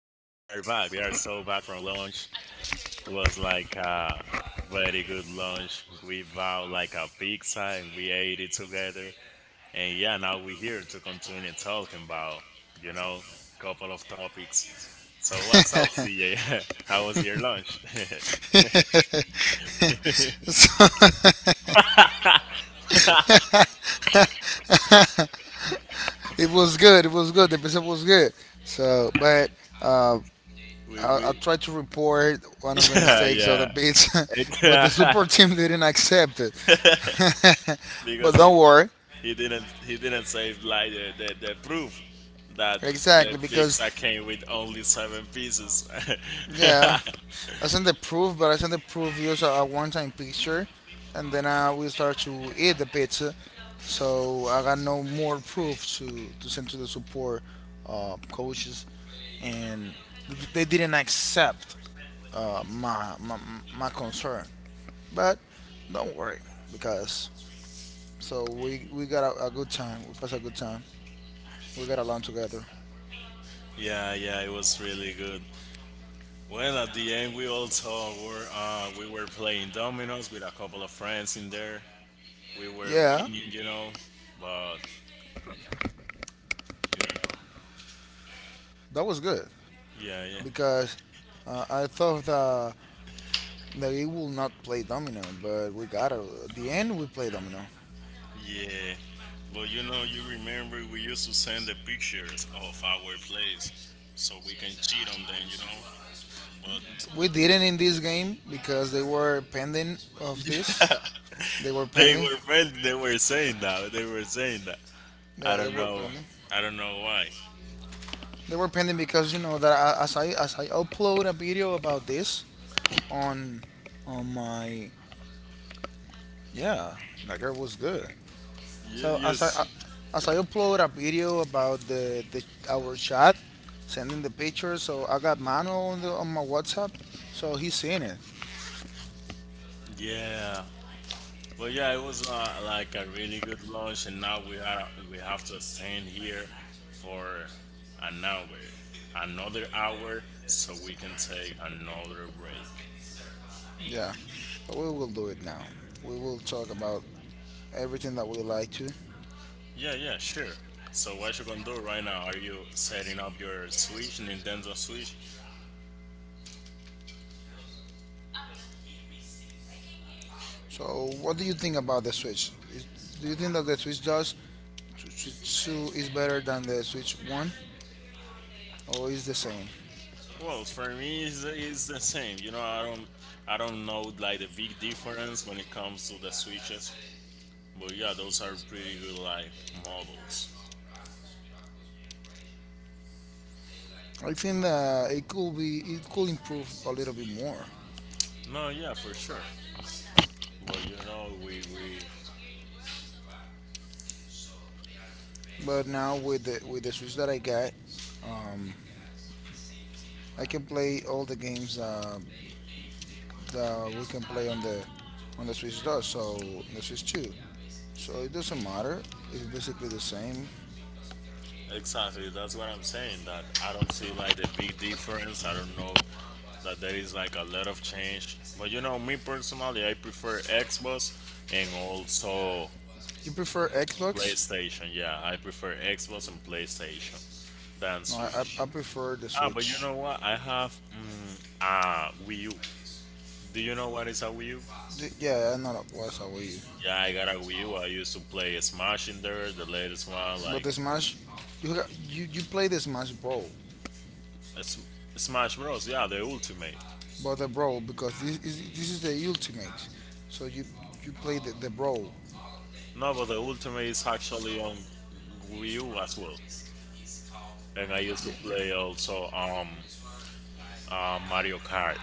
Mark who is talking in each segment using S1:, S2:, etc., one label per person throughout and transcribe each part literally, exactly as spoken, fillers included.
S1: Back. We are so back from lunch. It was like a very good lunch. We bought like a pizza and we ate it together. And yeah, now we're here to continue talking about, you know, couple of topics. So what's up, C J? How was your lunch?
S2: It was good. It was good. The pizza was good. So, but
S1: we
S2: I, I
S1: we
S2: tried to report one of the mistakes of the
S1: yeah,
S2: pizza, but the
S1: yeah.
S2: support team didn't accept it. But
S1: Because.
S2: don't worry,
S1: He didn't. He didn't save like the, the, the proof that the
S2: exactly
S1: pizza
S2: because
S1: came with only seven pieces.
S2: yeah, I sent the proof, but I sent the proof just a, a one-time picture, and then uh, we start to eat the pizza. So I got no more proof to, to send to the support uh, coaches, and th- they didn't accept uh, my, my my concern. But don't worry, because so we we got a, a good time. We passed a good time. We got along together.
S1: Yeah, yeah, it was really good. Well, at the end, we also were uh, we were playing dominoes with a couple of friends in there. We were
S2: Yeah,
S1: winning, you know, but you know,
S2: that was good
S1: yeah, yeah,
S2: because uh, I thought that that we will not play domino, but we gotta. At the end, we play domino.
S1: yeah. But you know, you remember we used to send the pictures of our plays so we can cheat on them, you know. But.
S2: We didn't in this game because they were pending of this. They were
S1: They
S2: pending.
S1: were friendly. They were saying that. They were saying that. I
S2: Yeah, they
S1: don't
S2: were
S1: know.
S2: pending.
S1: I don't know why.
S2: They were pending because you know that as I as I upload a video about this on on my yeah, that girl was good.
S1: You,
S2: So
S1: you
S2: as I
S1: s-
S2: as I upload a video about the, the our chat, sending the picture, so I got Manuel on the on my WhatsApp, so he's seen it.
S1: yeah. But yeah, it was uh, like a really good lunch, and now we are we have to stand here for an hour, another hour, so we can take another break.
S2: Yeah, we will do it now. We will talk about everything that we like to.
S1: Yeah, yeah, sure. So what you gonna do right now? Are you setting up your Switch, Nintendo Switch?
S2: So, what do you think about the Switch? Is, do you think that the Switch does Switch two is better than the Switch one or is the same?
S1: Well, for me, it's, it's the same. You know, I don't, I don't know like the big difference when it comes to the switches, but yeah, those are pretty good like models.
S2: I think that it could be it could improve a little bit more.
S1: No, yeah, for sure. But you know, we we
S2: But now with the with the Switch that I got, um, I can play all the games uh, that we can play on the on the Switch does. So on the Switch two. So it doesn't matter. It's basically the same.
S1: exactly that's what I'm saying. That I don't see like the big difference. I don't know that there is like a lot of change. But you know, me personally, I prefer Xbox and also
S2: You prefer Xbox?
S1: PlayStation. Yeah, I prefer Xbox and PlayStation than
S2: No, I, I,
S1: Switch.
S2: I prefer the
S1: Ah, but you
S2: Switch.
S1: know what? I have mm, a Wii U. Do you know what is a Wii U?
S2: The, yeah, I know that was how you.
S1: Yeah, I got a Wii U. I used to play Smash in there, the latest one,
S2: But
S1: like
S2: the Smash, you ha- you you play the Smash Brawl,
S1: S- Smash Bros. Yeah, the Ultimate.
S2: but the Brawl because this is this is the ultimate. So you you play the, the Brawl.
S1: No, but the Ultimate is actually on Wii U as well. And I used to
S2: Yeah.
S1: play also um uh, Mario Kart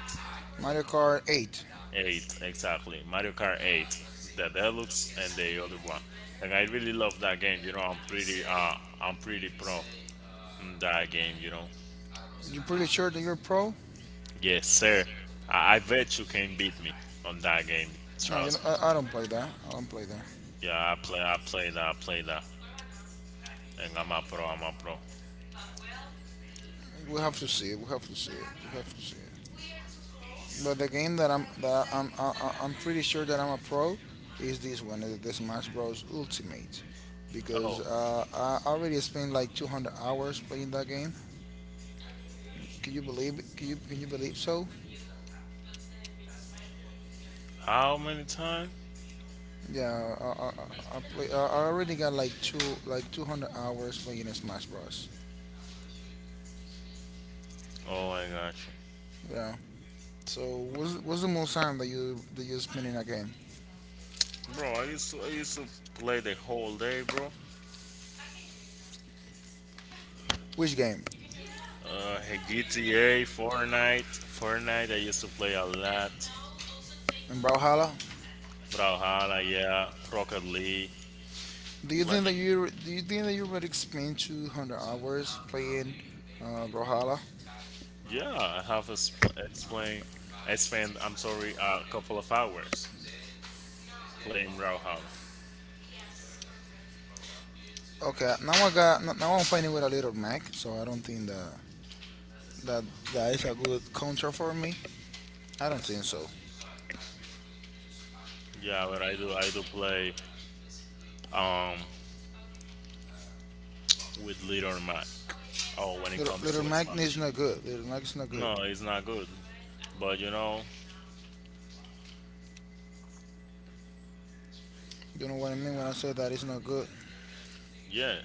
S2: Mario Kart eight.
S1: eight, exactly. Mario Kart eight, the Deluxe and the other one. And I really love that game. You know, I'm pretty uh I'm pretty pro in that game. You know.
S2: You pretty sure that you're pro?
S1: Yes, sir. I, I bet you can beat me on that game.
S2: No, you know,
S1: Trust me.
S2: I, I don't play that. I don't play that.
S1: Yeah, I play. I play that. I play that. And I'm a pro. I'm a pro.
S2: We have to see it. We have to see it. We have to see it. But the game that I'm that I'm I, I- I'm pretty sure that I'm a pro is this one, uh, the Smash Bros. Ultimate, because
S1: Oh,
S2: uh, I already spent like two hundred hours playing that game. Can you believe? It? Can you can you believe so?
S1: how many times?
S2: Yeah, I I, I, I play. I I already got like two like two hundred hours playing a Smash Bros.
S1: Oh, I got you,
S2: Yeah. So what's what's the most time that you that you spend in a game?
S1: bro. I used to. I used to play the whole day, bro.
S2: Which game?
S1: Uh, G T A, Fortnite, Fortnite. I used to play a lot.
S2: In Brawlhalla?
S1: Brawlhalla, yeah. Rocket League,
S2: Do you think
S1: plenty.
S2: that you do you think that you already spent two hundred hours playing uh, Brawlhalla?
S1: Yeah, I have expl- explain. I spend. I'm sorry, a couple of hours playing Brawlhalla.
S2: Okay, now I got n- now I'm fighting with a little Mac, so I don't think that that that is a good counter for me. I don't think so.
S1: Yeah, but I do I do play um with little Mac. Oh, when it
S2: Little,
S1: comes
S2: little
S1: to a
S2: Mac is
S1: Smash.
S2: not good. Little Mac is not good.
S1: No, it's not good. But you know,
S2: You know what I mean when I say that it's not good.
S1: yeah,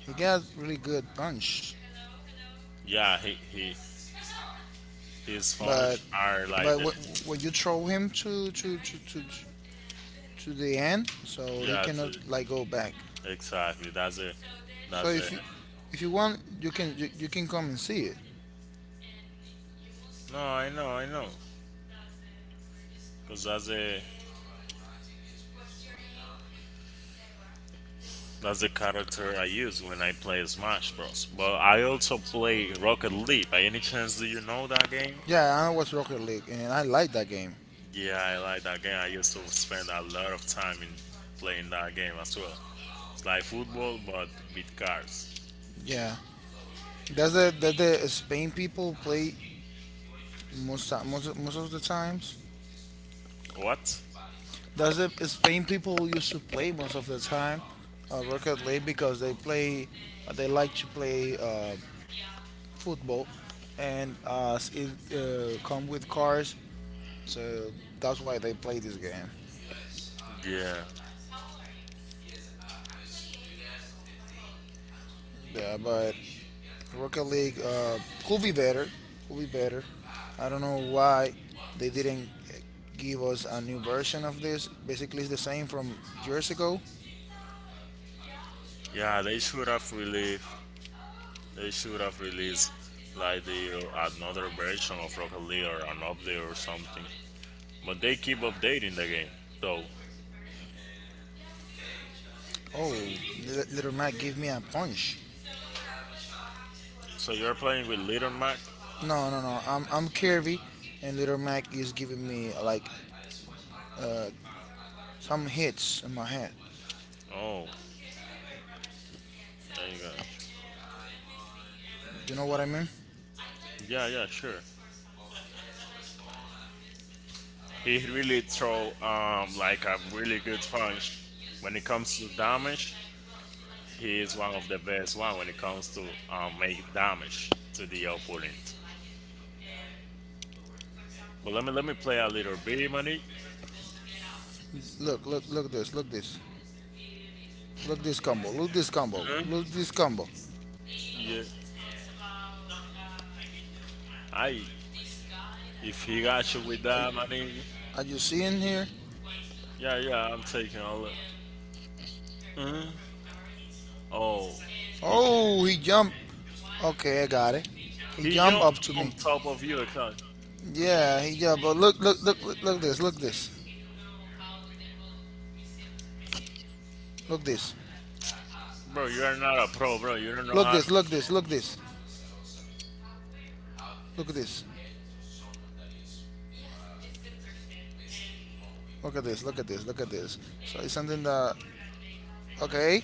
S2: He got really good punch,
S1: yeah, he he his
S2: but
S1: sponge are like
S2: but
S1: that.
S2: wh- when you throw him to to to to to the end, so he
S1: Yeah,
S2: cannot
S1: to,
S2: like go back.
S1: exactly. That's a
S2: So
S1: that's a.
S2: if you if you want, you can you, you can come and see it.
S1: No, I know, I know. Cause that's a that's a character I use when I play Smash Bros. But I also play Rocket League. By any chance, do you know that game?
S2: Yeah, I watch Rocket League and I like that game.
S1: Yeah, I like that game. I used to spend a lot of time in playing that game as well. It's like football but with cars.
S2: Yeah, does the does the Spain people play most ti- most of- most of the times.
S1: What?
S2: That's the Spain people used to play most of the time, uh, Rocket League because they play, uh, they like to play uh, football, and uh, it uh, come with cars, so that's why they play this game.
S1: Yeah.
S2: Yeah, but Rocket League uh, could be better, could be better. I don't know why they didn't uh, give us a new version of this. Basically, it's the same from years ago.
S1: Yeah, they should have released they should have released like the another version of Rocket League or an update or something. But they keep updating the game though.
S2: Oh, Li- Little Mac, give me a punch.
S1: So you're playing with Little Mac?
S2: No, no, no. I'm I'm Kirby, and Little Mac is giving me like uh some hits in my head.
S1: Oh, there you go.
S2: You know what I mean?
S1: Yeah, yeah, sure. He really throw um like a really good punch when it comes to damage. He is one of the best one when it comes to um, make damage to the opponent. But let me let me play a little bit, money.
S2: Look, look, look this, look this, look this combo, look this combo,
S1: Mhm.
S2: look this combo.
S1: Yeah, I if he got you with that, money.
S2: Are you seeing here?
S1: Yeah, yeah, I'm taking a look. Hmm. Oh, he,
S2: Oh, he jumped. Okay, I got it. He
S1: he
S2: jumped
S1: jumped
S2: up to me.
S1: on top of you, okay.
S2: Yeah, he jumped. But look, look, look, look, look this, look this, look this,
S1: Bro, you are not a pro, bro. You don't know
S2: look
S1: how to
S2: this, look this, look
S1: play.
S2: this, look at this, look at this, look at this, look at this. So it's something that okay.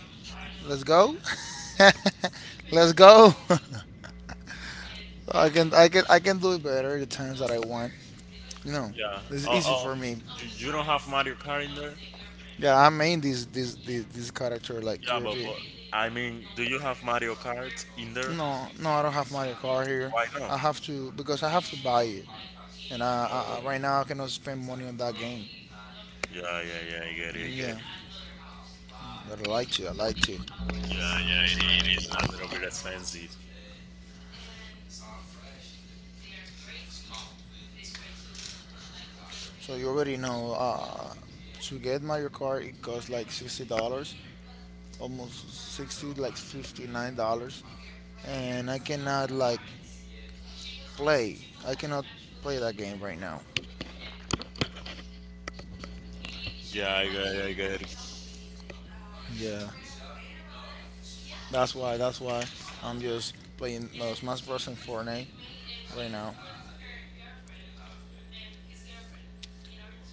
S2: Let's go. Let's go. I can I can I can do it better the times that I want. You know,
S1: Yeah.
S2: it's
S1: Oh,
S2: easy
S1: oh,
S2: for me.
S1: you, you don't have Mario Kart in there?
S2: Yeah, I made this this this, this character like
S1: Yeah, but
S2: Kirby.
S1: but I mean, do you have Mario Kart in there?
S2: No, no, I don't have my car here.
S1: Why not?
S2: I have to because I have to buy it, and I, I I- right now I cannot spend money on that game.
S1: Yeah, yeah, yeah. I get it, I get it.
S2: Yeah, but I like to. I like to.
S1: Yeah, yeah, it, it is a little bit expensive.
S2: So you already know. Uh, to get Mario Kart, it costs like sixty dollars, almost sixty, like fifty nine dollars, and I cannot like play. I cannot play that game right now.
S1: Yeah, I got it, I got it.
S2: Yeah, that's why. That's why I'm just playing no Smash Bros. And Fortnite right now.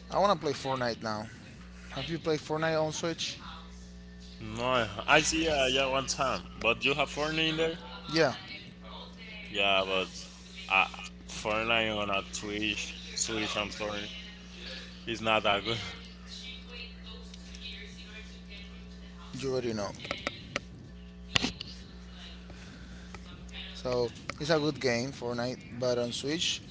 S2: I wanna play Fortnite now. Have you played Fortnite on Switch?
S1: No, I I see, yeah, yeah, one time. But you have Fortnite in there?
S2: Yeah,
S1: Yeah, but uh, Fortnite on a Twitch, Switch, I'm sorry, is not that good.
S2: you already know. So it's a good game, Fortnite, but on Switch,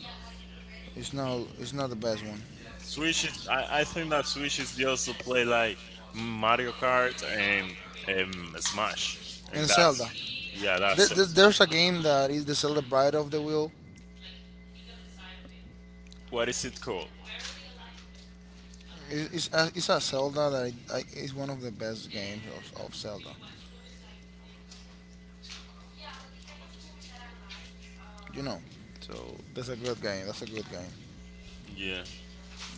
S2: it's no, it's not the best one.
S1: Switch is, I, I think that Switch is just to play like Mario Kart and um, Smash. And
S2: And
S1: that's,
S2: Zelda,
S1: yeah, that's,
S2: Th- th- there's a game that is the Zelda Bride of the Will.
S1: what is it called?
S2: It's, it's, a, it's a Zelda that I, I, is one of the best games of, of Zelda. You know, so that's a good game. That's a good game.
S1: Yeah,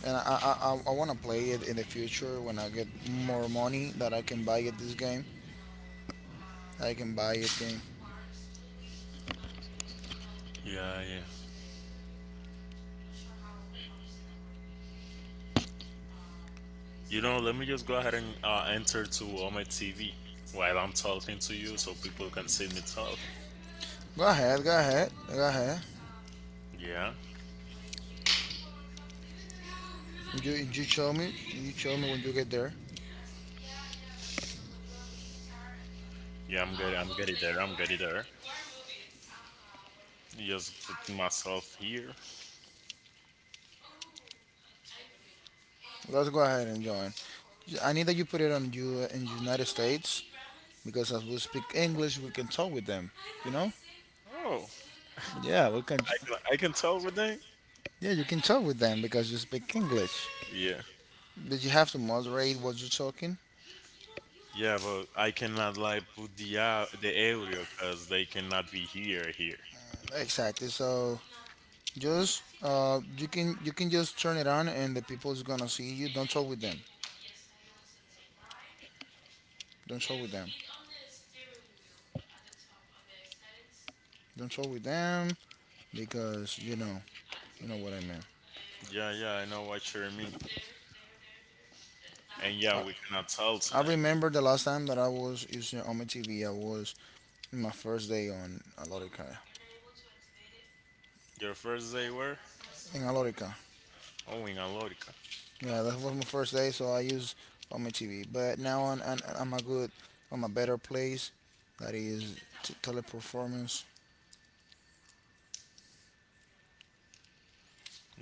S2: And I I, I, I want to play it in the future when I get more money that I can buy it this game. I can buy it game.
S1: yeah, yeah. You know, let me just go ahead and uh, enter to on my T V while I'm talking to you so people can see me talk.
S2: Go ahead, go ahead, go ahead.
S1: Yeah.
S2: You you show me, you show me when you get there.
S1: Yeah, I'm good. I'm getting there. I'm getting there. Just put myself here.
S2: Let's go ahead and join. I need that you put it on you in the United States because as we speak English, we can talk with them. You know?
S1: Oh,
S2: Yeah, we can.
S1: I can, I can tell with that.
S2: Yeah, you can talk with them because you speak English.
S1: Yeah.
S2: But you have to moderate what you're talking.
S1: Yeah, but I cannot like put the uh, the area because they cannot be here here.
S2: Exactly. So just uh, you can you can just turn it on and the people is gonna see you. Don't talk with them. Don't talk with them. Don't talk with them because you know you know what I mean.
S1: Yeah, yeah, I know what you mean. And yeah,
S2: I,
S1: we cannot tell
S2: I
S1: tonight.
S2: remember the last time that I was using on my T V. I was in my first day on Alorica.
S1: Your first day where?
S2: In Alorica,
S1: Oh, in Alorica.
S2: yeah, that was my first day. So I use on my T V. But now on I'm, I'm a good, I'm a better place. That is t- teleperformance.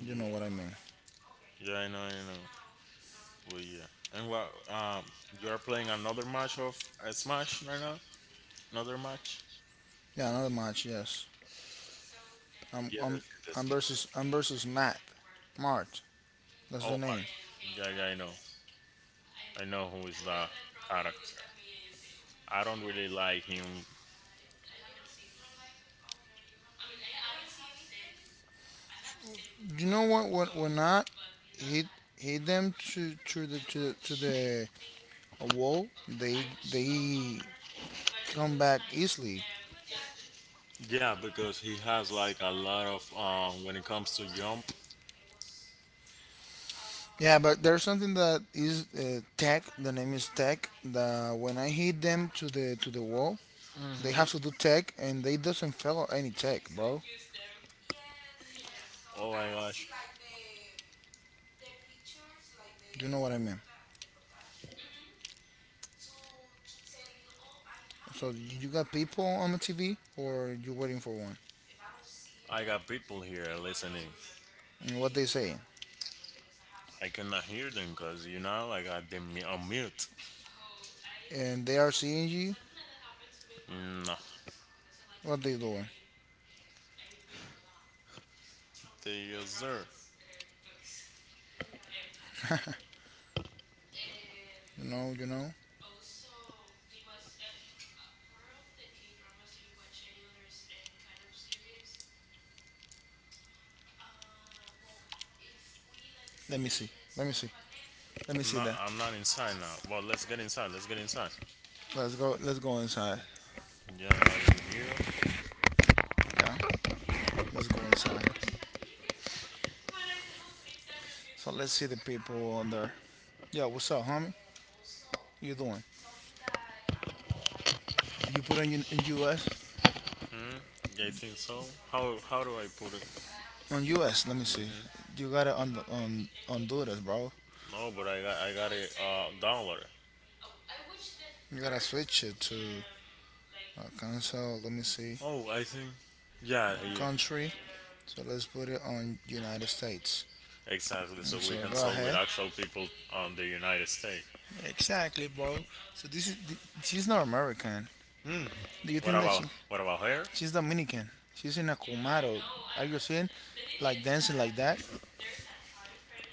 S2: You know what I mean.
S1: Yeah, I know, I know. Well, yeah. And what? Um, you are playing another match of uh, Smash right now? Another match?
S2: Yeah, another match. Yes, I'm
S1: Yeah,
S2: I'm
S1: that's good. That's
S2: I'm
S1: good.
S2: versus I'm versus Matt Mart. That's
S1: Oh
S2: the name.
S1: my! Yeah, yeah, I know. I know who is the character. I don't really like him.
S2: You know what? When when I hit hit them to to the to, to the a wall, they they come back easily.
S1: Yeah, because he has like a lot of um when it comes to jump.
S2: Yeah, but there's something that is uh, tech. The name is tech. That when I hit them to the to the wall, they
S1: Hmm.
S2: have to do tech, and they doesn't follow any tech, bro.
S1: Oh my gosh.
S2: You know what I mean? So you got people on the T V, or you're waiting for one,
S1: I got people here listening.
S2: and what they say,
S1: I cannot hear them because you know like, I got them mu- on mute.
S2: and they are seeing you.
S1: No.
S2: What they doing?
S1: The user.
S2: You know, you know. Let me see. Let me see. Let me see
S1: No,
S2: that.
S1: I'm not inside now. Well, let's get inside. Let's get inside.
S2: Let's go. Let's go inside.
S1: Yeah, now we're here.
S2: Yeah. Let's go inside. So let's see the people on there. Yeah. What's up, homie? You doing? Do you put on U- in U S
S1: Yeah, I think so. How how do I put it?
S2: on U S? Let me see. You got it on the, on Honduras, bro.
S1: No, but I got I got it uh downloaded.
S2: You gotta switch it to uh, console. Let me see.
S1: Oh, I think. Yeah,
S2: Uh,
S1: here.
S2: country. So let's put it on United States.
S1: Exactly.
S2: And
S1: So
S2: so
S1: we can
S2: go
S1: talk with
S2: ahead.
S1: actual people on the United States.
S2: Exactly, bro. So this is th- she's not American. Do you
S1: What
S2: think that she
S1: about
S2: about,
S1: what about her?
S2: she's Dominican? She's in a Kumaro. Are you seeing like dancing like that?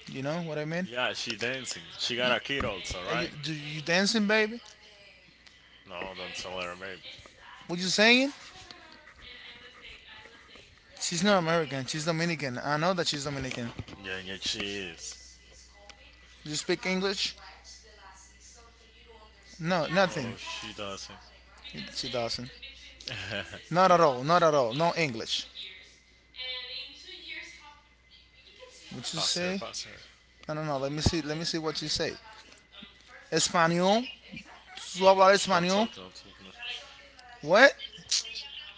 S2: You know what I mean?
S1: Yeah, she dancing. She got a kid also,
S2: Are you,
S1: right?
S2: right? Do you dancing, baby?
S1: No, don't tell her, baby.
S2: What you saying? She's not American. She's Dominican. I know that she's Dominican.
S1: Yeah, yeah, she is.
S2: You speak English? No, nothing.
S1: Oh, she doesn't.
S2: She doesn't. Not at all. Not at all. No English. What you
S1: Pass her,
S2: say?
S1: pass her.
S2: No, no, no. Let me see. Let me see what you say. Espanol? ¿Tú hablas
S1: Don't
S2: español?
S1: talk, don't talk. No.
S2: What?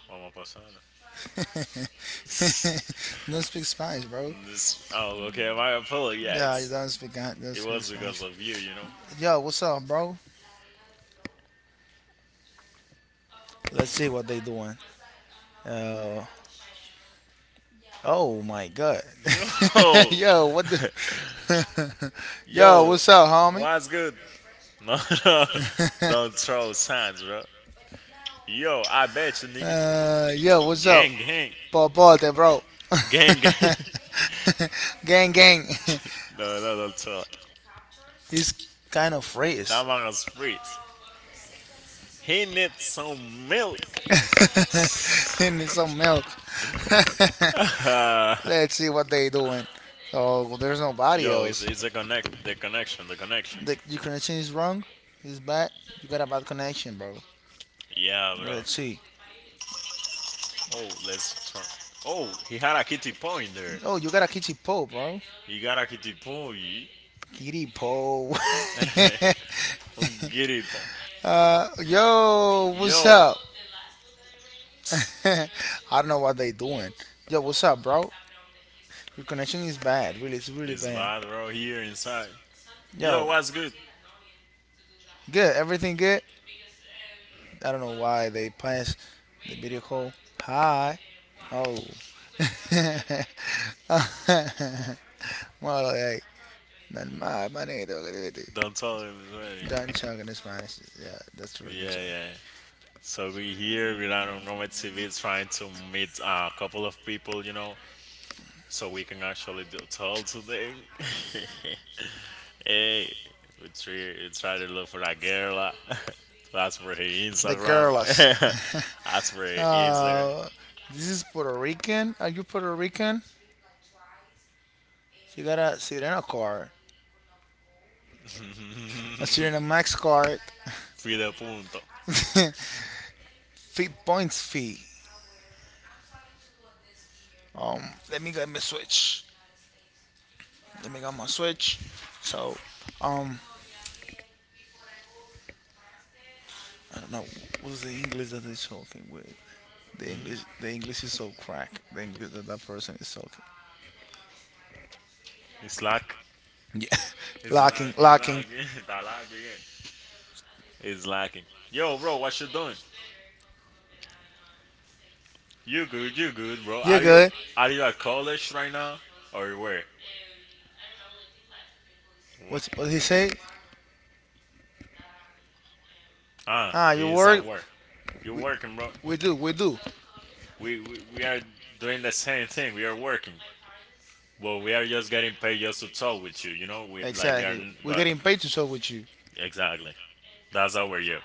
S1: Mama pasada.
S2: Don't speak Spanish, bro. Oh,
S1: this, oh, okay. My apology. Yeah,
S2: yeah, you
S1: it's,
S2: don't speak. Don't
S1: it
S2: speak
S1: was because
S2: Spanish.
S1: of you, you
S2: Yo, what's up, bro? Let's see what they doing. Uh, oh my God.
S1: know. Yo,
S2: Yo, what the? Yo,
S1: yo,
S2: what's up, homie?
S1: what's good? No, no, don't throw signs, bro. Yo, I bet you, nigga.
S2: Uh, yo, what's up?
S1: Gang, gang,
S2: Paul Paul, the bro.
S1: gang, gang.
S2: Gang, gang.
S1: no, no, don't throw.
S2: It's kind of phrase.
S1: That man Damaras freeze. He needs some milk.
S2: Need some milk. Let's see what they doing. Oh, there's nobody
S1: Yo, it's,
S2: else.
S1: it's a connect, the connection, the connection.
S2: The, your connection is wrong. It's bad. You got a bad connection, bro.
S1: Yeah,
S2: Bro,
S1: bro.
S2: let's see.
S1: Oh, let's turn. Oh, he had a kitty point there.
S2: Oh, you got a kitty pole, bro.
S1: He got a kitty point.
S2: Kitty pole.
S1: Ungiripo.
S2: Uh, yo, what's
S1: Yo,
S2: up? I don't know what they doing. Yo, what's up, bro? Your connection is bad. Really, it's really it's
S1: it's bad,
S2: bad.
S1: bro. Here inside.
S2: Yo,
S1: Yo,
S2: yo,
S1: what's good?
S2: good. Everything good? I don't know why they pass the video call. Hi. Oh. More like, "Nan ma- manito, que debe te vete."
S1: Don't tell him. It's ready.
S2: Don't talk in Spanish. Yeah, that's true. That's
S1: Yeah,
S2: right.
S1: yeah. So we here with our Nomad C V is trying to meet a couple of people, you know, so we can actually do tell today. Hey, we try, we try to look for that girl. Uh, to ask for her
S2: The
S1: Instagram.
S2: girls.
S1: Ask for
S2: That's
S1: her Instagram.
S2: Uh, this is Puerto Rican. Are you Puerto Rican? You got a Sirena card, a Sirena Max card,
S1: Fide punto.
S2: fee points fee. Um, Let me get my Switch. Let me get my Switch. So, um, I don't know what's the English that they're talking with. The English, the English is so crack. The English that that person is talking.
S1: It's like,
S2: Yeah,
S1: it's like,
S2: locking,
S1: it's
S2: locking.
S1: like, it's like. Again. Is lacking. Yo, bro, what you doing? You good? You good, bro?
S2: You're
S1: Are you
S2: good.
S1: are you at college right now or where? What?
S2: What what did he say?
S1: Ah,
S2: Ah, you
S1: he is at
S2: work-
S1: work. You
S2: we-
S1: working, bro?
S2: we do, we do.
S1: We, we we are doing the same thing. We are working, but we are just getting paid just to talk with you. You know, we like we are.
S2: Exactly.
S1: n-
S2: We're
S1: But
S2: getting paid to talk with you.
S1: exactly, that's our you.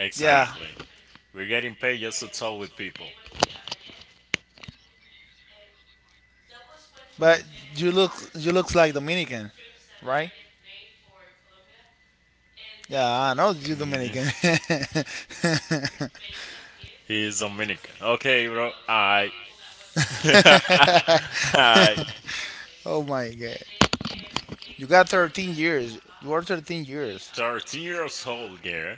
S2: Yeah, exactly,
S1: we're getting paid just to talk with people.
S2: but you look you look like Dominican, right? Yeah, I know you Dominican.
S1: He's Dominican. Okay, bro. I, I,
S2: oh my god, you got thirteen years. You are thirteen years,
S1: thirteen years old, girl.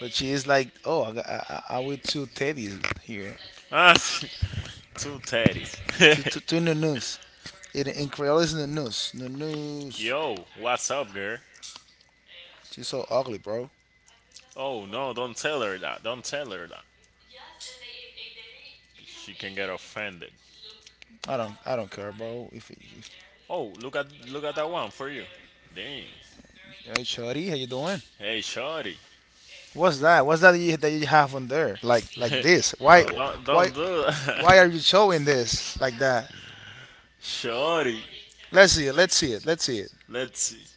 S2: but she is like, oh, I got, I, I, I with two teddies here,
S1: Ah, two teddies.
S2: two two, two new news. In in Creole is the news, the news.
S1: Yo, what's up, girl?
S2: She's so ugly, bro.
S1: Oh no, don't tell her that. Don't tell her that. She can get offended.
S2: I don't I don't care, bro. If, if
S1: Oh, look at look at that one for you. Damn.
S2: hey, Shorty, how you doing?
S1: Hey, shorty.
S2: What's that? What's that you, that you have on there? Like like this? Why
S1: don't, don't
S2: why
S1: don't do
S2: why are
S1: that.
S2: you showing this like that?
S1: Shorty,
S2: Let's see it. Let's see it. Let's see it.
S1: let's see.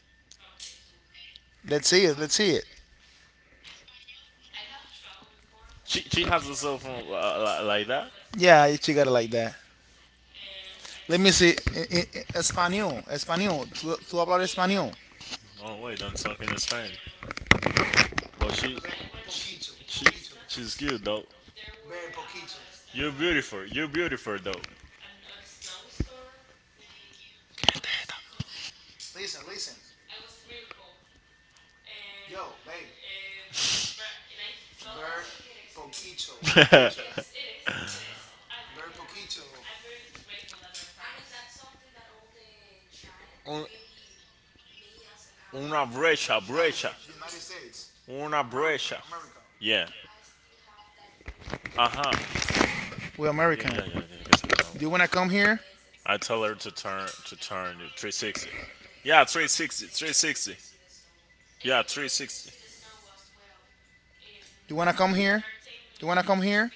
S2: Let's see it. Let's see it.
S1: She she has a cell phone uh, li- like that.
S2: Yeah, you got it like that. Let me see. In, in, in español, español. Tú, tú hablar español.
S1: Oh wait, done talking in Spanish. Well, she, she, she's good though. You're beautiful. You're beautiful though.
S2: Listen, listen. Yo, baby. Very poquito. Ver Very poquito. Friends in
S1: Un- una brecha,
S2: United,
S1: brecha,
S2: United States.
S1: una
S2: America,
S1: brecha.
S2: America.
S1: Yeah. Uh huh.
S2: We're
S1: Yeah, yeah, yeah.
S2: American.
S1: I think I said it
S2: Do you
S1: now.
S2: wanna come here?
S1: I tell her to turn to turn to three sixty. Yeah, three sixty, three sixty. Yeah, three sixty.
S2: Do you wanna come here? Do you wanna come here?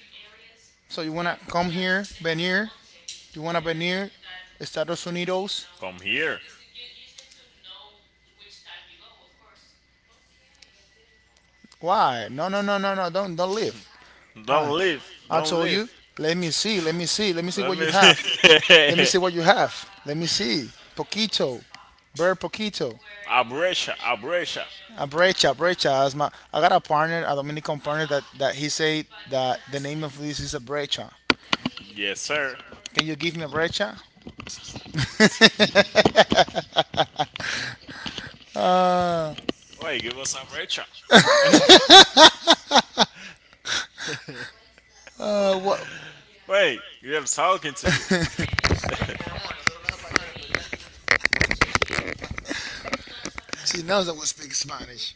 S2: So you wanna come here, venir? Do you wanna venir? Estados Unidos?
S1: Come here.
S2: Why? No, no, no, no, no. Don't, don't leave.
S1: Don't
S2: Why?
S1: leave.
S2: I
S1: Don't
S2: told you.
S1: leave.
S2: Let me see. Let me see. Let me see
S1: Let
S2: what you
S1: me
S2: have. Let me
S1: see.
S2: see what you have. Let me see. Poquito, very Poquito.
S1: A brecha,
S2: A brecha, brecha. As my, I got a partner, a Dominican partner, that, that he said that the name of this is a brecha.
S1: yes, sir.
S2: Can you give me a brecha?
S1: Wait, give us a
S2: Uh, what?
S1: Wait, we are talking to you.
S2: She knows I would speak Spanish.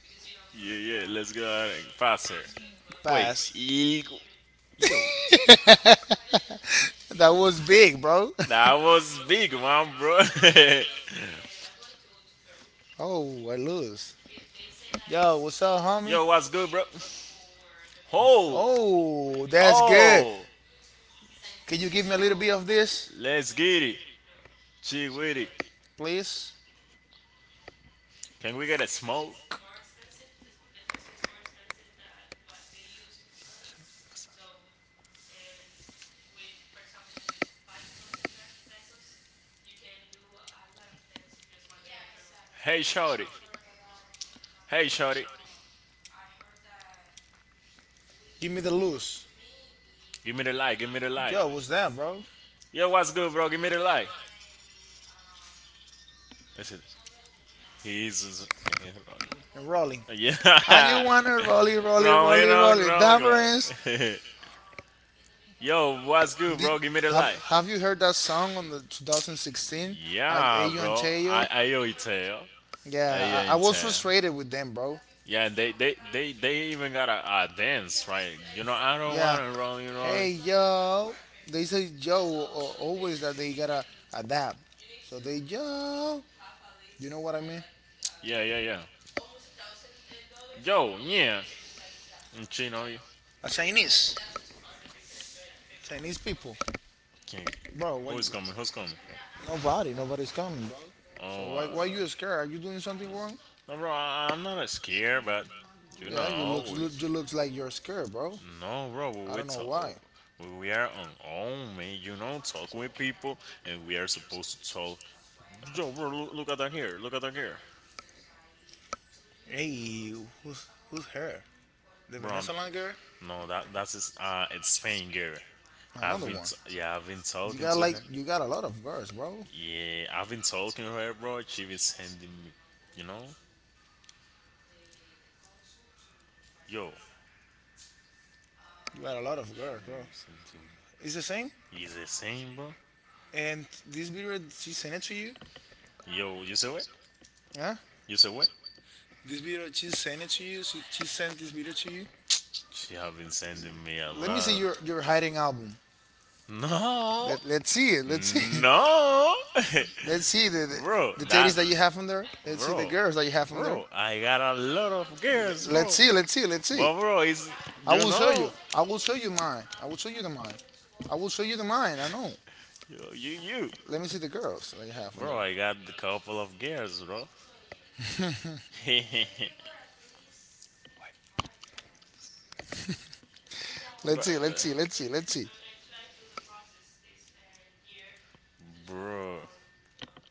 S1: Yeah, yeah, let's go ahead and pass her. Wait,
S2: Pass.
S1: eagle. Yo,
S2: That was big, bro.
S1: that was big, man, bro.
S2: oh, I lose. Yo, what's up, homie?
S1: Yo, what's good, bro? Oh,
S2: Oh, that's good.
S1: oh,
S2: Can you give me a little bit of this,
S1: let's get it. Gee, witty.
S2: please?
S1: Can we get a smoke? Hey, shorty. Hey, shorty.
S2: Give me the loose.
S1: Give me the light. Give me the light.
S2: Yo, what's that, bro?
S1: Yo, what's good, bro? Give me the light. Listen, he's
S2: And rolling. Are you
S1: yeah,
S2: wanna roll it, roll it, roll
S1: growing,
S2: it, roll
S1: growing,
S2: it,
S1: growing,
S2: Deliverance?
S1: growing. Yo, what's good,
S2: Did,
S1: bro? Give me the
S2: have
S1: light.
S2: Have you heard that song on the two thousand sixteen? I
S1: Yeah,
S2: Ayo and
S1: bro.
S2: Teo.
S1: I I owe it to you tell. I owe it to
S2: Yeah, I,
S1: you
S2: I was
S1: tell.
S2: frustrated with them, bro.
S1: Yeah, and they they they they even got a, a dance, right? You know, I don't
S2: Yeah.
S1: wanna roll you roll.
S2: Hey yo, they say yo uh, always that they gotta adapt. So they yo, you know what I mean?
S1: Yeah, yeah, yeah. Yo, yeah. Mm, Chino,
S2: A Chinese, Chinese people,
S1: can you?
S2: bro. What?
S1: Who's
S2: You,
S1: coming? Who's coming?
S2: nobody, nobody's coming, bro. So why
S1: Oh,
S2: why
S1: uh,
S2: you scared? Are you doing something wrong?
S1: no, bro, I, I'm not scared, but you
S2: Yeah, you
S1: know,
S2: look,
S1: we,
S2: look you looks like you're scared, bro.
S1: no, bro,
S2: I
S1: we,
S2: don't know
S1: talk,
S2: why.
S1: we, we are on own, man. You know, talk with people, and we are supposed to talk. Yo, bro, look, look at that here. Look at that here,
S2: Hey, who's who's her? The
S1: bro.
S2: Vanessa Line girl?
S1: I'm, no, that that's is uh, it's Spain girl. I've
S2: Another
S1: been,
S2: one.
S1: t- yeah, I've been
S2: You
S1: talking
S2: got
S1: to
S2: like
S1: her.
S2: you got a lot of girls, bro.
S1: Yeah, I've been talking to her, bro. She been sending me, you know, yo,
S2: You got a lot of girls, bro.
S1: you sending
S2: It's the same.
S1: me. It's the same, bro.
S2: And this video she sent it to you.
S1: Yo, you saw it?
S2: Huh?
S1: You saw it?
S2: This video she sent it to you. She, she sent this video to you.
S1: She have been sending me a
S2: Let me see
S1: lot.
S2: your your hiding album.
S1: No,
S2: Let let's see it. Let's see it.
S1: no,
S2: Let's see the
S1: bro,
S2: the, the titties
S1: that,
S2: that you have on there. Let's see the
S1: bro,
S2: girls that you have on there.
S1: bro, I got a lot of girls, bro.
S2: Let's see. Let's see. Let's see.
S1: But bro, it's
S2: I
S1: you
S2: will show you.
S1: know,
S2: I will show you mine. I will show you the mine. I will show you the mine. I know.
S1: you you, you.
S2: Let me see the girls that you have on there.
S1: Bro, I got a couple of girls, bro. bro,
S2: Let's see, let's see, let's see, let's see.
S1: bro,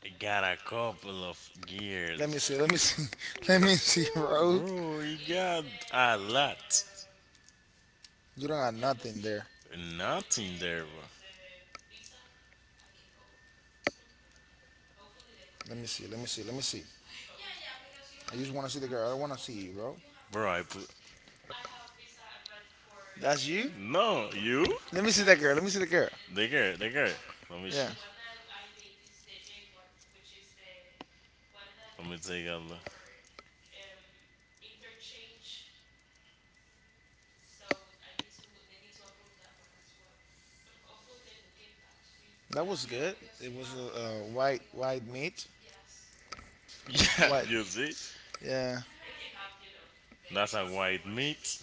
S1: I got a couple of
S2: Let me
S1: girls.
S2: see, let me see. Let me see, bro.
S1: Bro, you got a lot.
S2: You don't got nothing there.
S1: Nothing there, bro.
S2: Let me see, let me see, let me see. I just want to see the girl. I want to see you, bro.
S1: Bro, I put
S2: That's you?
S1: no you.
S2: Let me see that girl. Let me see the girl.
S1: They get they get. Let me show.
S2: Yeah.
S1: Let me take a look.
S2: That was good. It was a uh, white white meat.
S1: Yeah,
S2: White.
S1: you see,
S2: Yeah.
S1: that's a white meat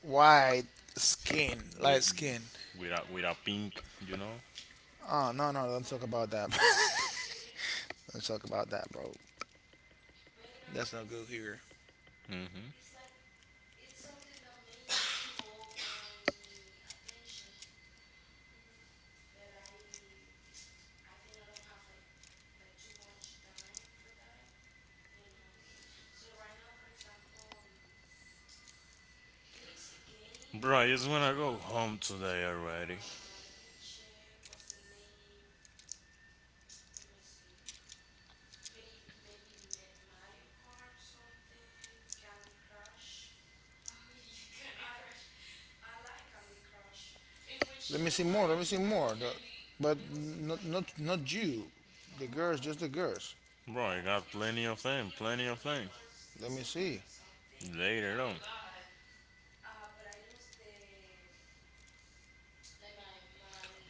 S2: White skin, light
S1: with
S2: skin.
S1: with a with a pink. You know.
S2: Oh no, no, don't talk about that. don't talk about that, bro. That's not good here.
S1: hmm Bro, I just wanna go home today already.
S2: Let me see more. Let me see more. The- but not, not, not you. The girls, just the girls.
S1: Bro, I got plenty of time, plenty of time.
S2: Let me see.
S1: Later on.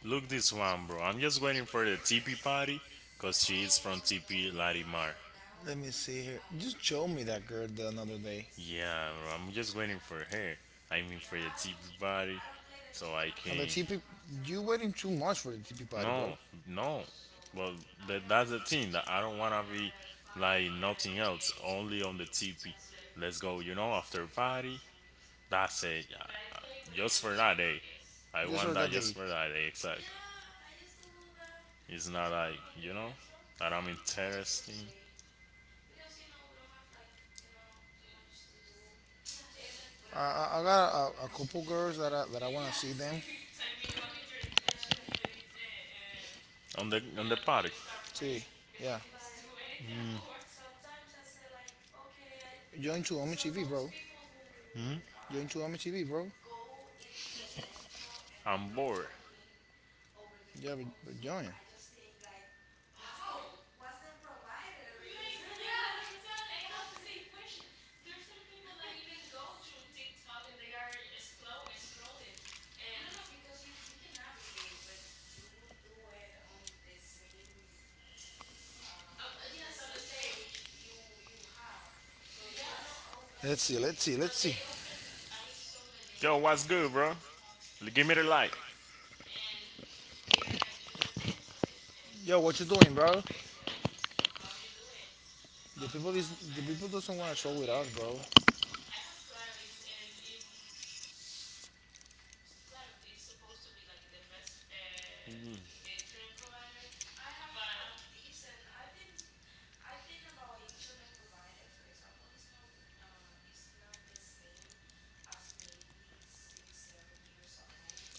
S1: Look this one, bro. I'm just waiting for the T P party, cause she is from T P Larimar.
S2: Let me see here. Just show me that girl the another day.
S1: Yeah, bro, I'm just waiting for her. I mean, for the T V body, so I
S2: On the
S1: can.
S2: T P, you waiting too much for the T P party, bro.
S1: No, no. Well, that, that's the thing. That I don't wanna be like nothing else. Only on the T P. Let's go. You know, after party. That's it. Yeah, uh, just for that day. I
S2: Just
S1: want
S2: heard
S1: that
S2: that they.
S1: just for that day. Exactly. It's not like you know that I'm interesting
S2: I, I I got a, a couple girls that I, that I want to see them.
S1: on the on the party.
S2: See, yeah. Join Chuomi T V, bro. Join Chuomi T V, bro.
S1: I'm bored.
S2: Yeah, but, but join. Let's see, let's see, let's see.
S1: Yo, what's good, bro? L- Give me the light.
S2: Yo, what you doing, bro? The people is the people doesn't want to show with us, bro.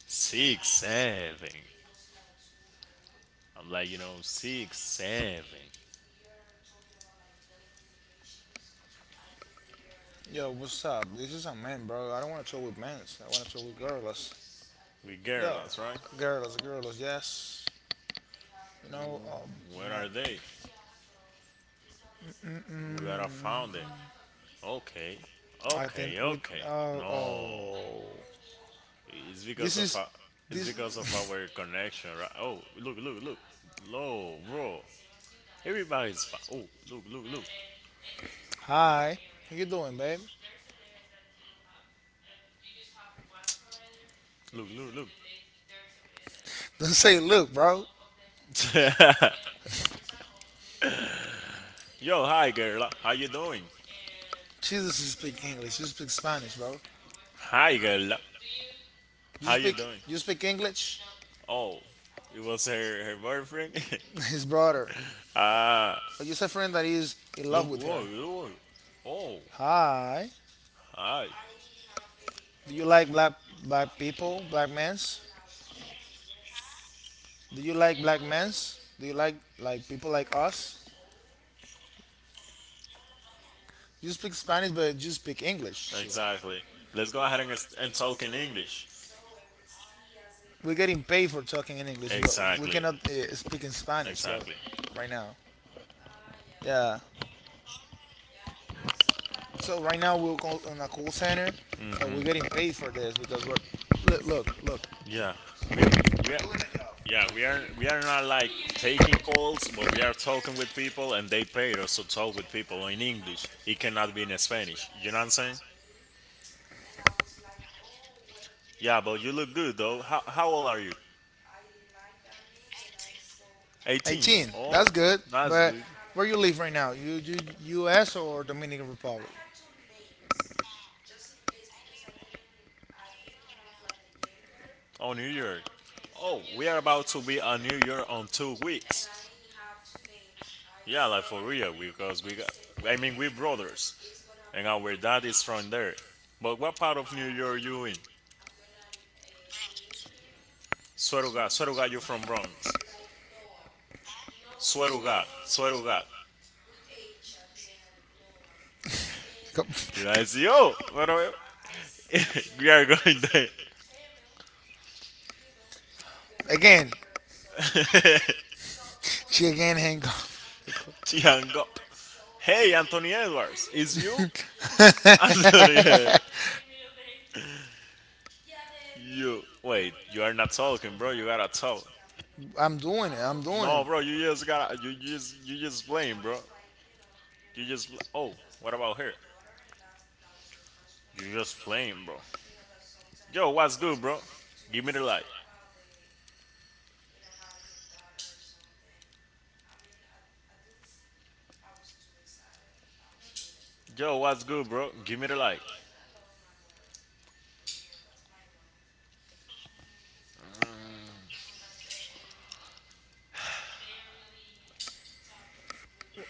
S1: Six seven. I'm like, you know, six seven.
S2: Yo, what's up? This is a man, bro. I don't want to show with men. I want to show with girls.
S1: We
S2: Yo,
S1: girls, right?
S2: girls, girls, yes. You know, oh
S1: Where
S2: man,
S1: are they? We gotta found them.
S2: mm-mm.
S1: Okay,
S2: I
S1: okay,
S2: think with
S1: okay.
S2: oh
S1: No,
S2: oh,
S1: it's
S2: this
S1: because of
S2: is
S1: our, it's because of
S2: this.
S1: our connection, right? Oh, look, look, look. Low, bro. Everybody's fine. Oh, look, look, look.
S2: Hi, how you doing, babe?
S1: Look, look,
S2: Don't say look, bro.
S1: look. Yo, hi girl. How you doing?
S2: She doesn't speak English. She speaks Spanish, bro.
S1: Hi girl.
S2: You
S1: How you
S2: speak
S1: doing?
S2: you speak English?
S1: Oh, it was her her boyfriend.
S2: His brother.
S1: ah,
S2: But you are a friend that is in love
S1: look.
S2: with her.
S1: Whoa, whoa. Oh,
S2: Hi.
S1: hi.
S2: Do you like black black people, black men's? Do you like black men's? Do you like like people like us? You speak Spanish, but you speak English too.
S1: Exactly. Let's go ahead and, and talk in English.
S2: We're getting paid for talking in English, bro. We
S1: Exactly.
S2: cannot uh, speak in Spanish, bro.
S1: Exactly.
S2: Right now. Yeah. So right now we're call- on a call center, so we're getting paid for this because we're look, look, look.
S1: Yeah, we are, we are, yeah, we are we are not like taking calls, but we are talking with people, and they paid us to talk with people in English. It cannot be in Spanish. You know what I'm saying? Yeah, but you look good though. How how old are you? eighteen.
S2: eighteen.
S1: Oh,
S2: That's good.
S1: that's
S2: But
S1: good.
S2: where you live right now? You, you U S or Dominican Republic?
S1: Oh, New York. Oh, we are about to be on New York on two weeks. Yeah, like for real, because we got. I mean, we brothers, and our dad is from there. But what part of New York you in? Swear to God, swear to God, you from Bronx. Swear to God, swear to God.
S2: Come-
S1: Did I say, oh, what are we? We are going there.
S2: Again, she again hang up.
S1: She hung up. Hey, Anthony Edwards, is you? Anthony, you. Wait, you are not talking, bro. You gotta talk.
S2: I'm doing it. I'm
S1: No,
S2: doing.
S1: bro, you just got you just you just playing, bro. You just pl- oh, what about her? You just playing, bro. Yo, what's good, bro? Give me the light. Yo, what's good, bro? Give me the light.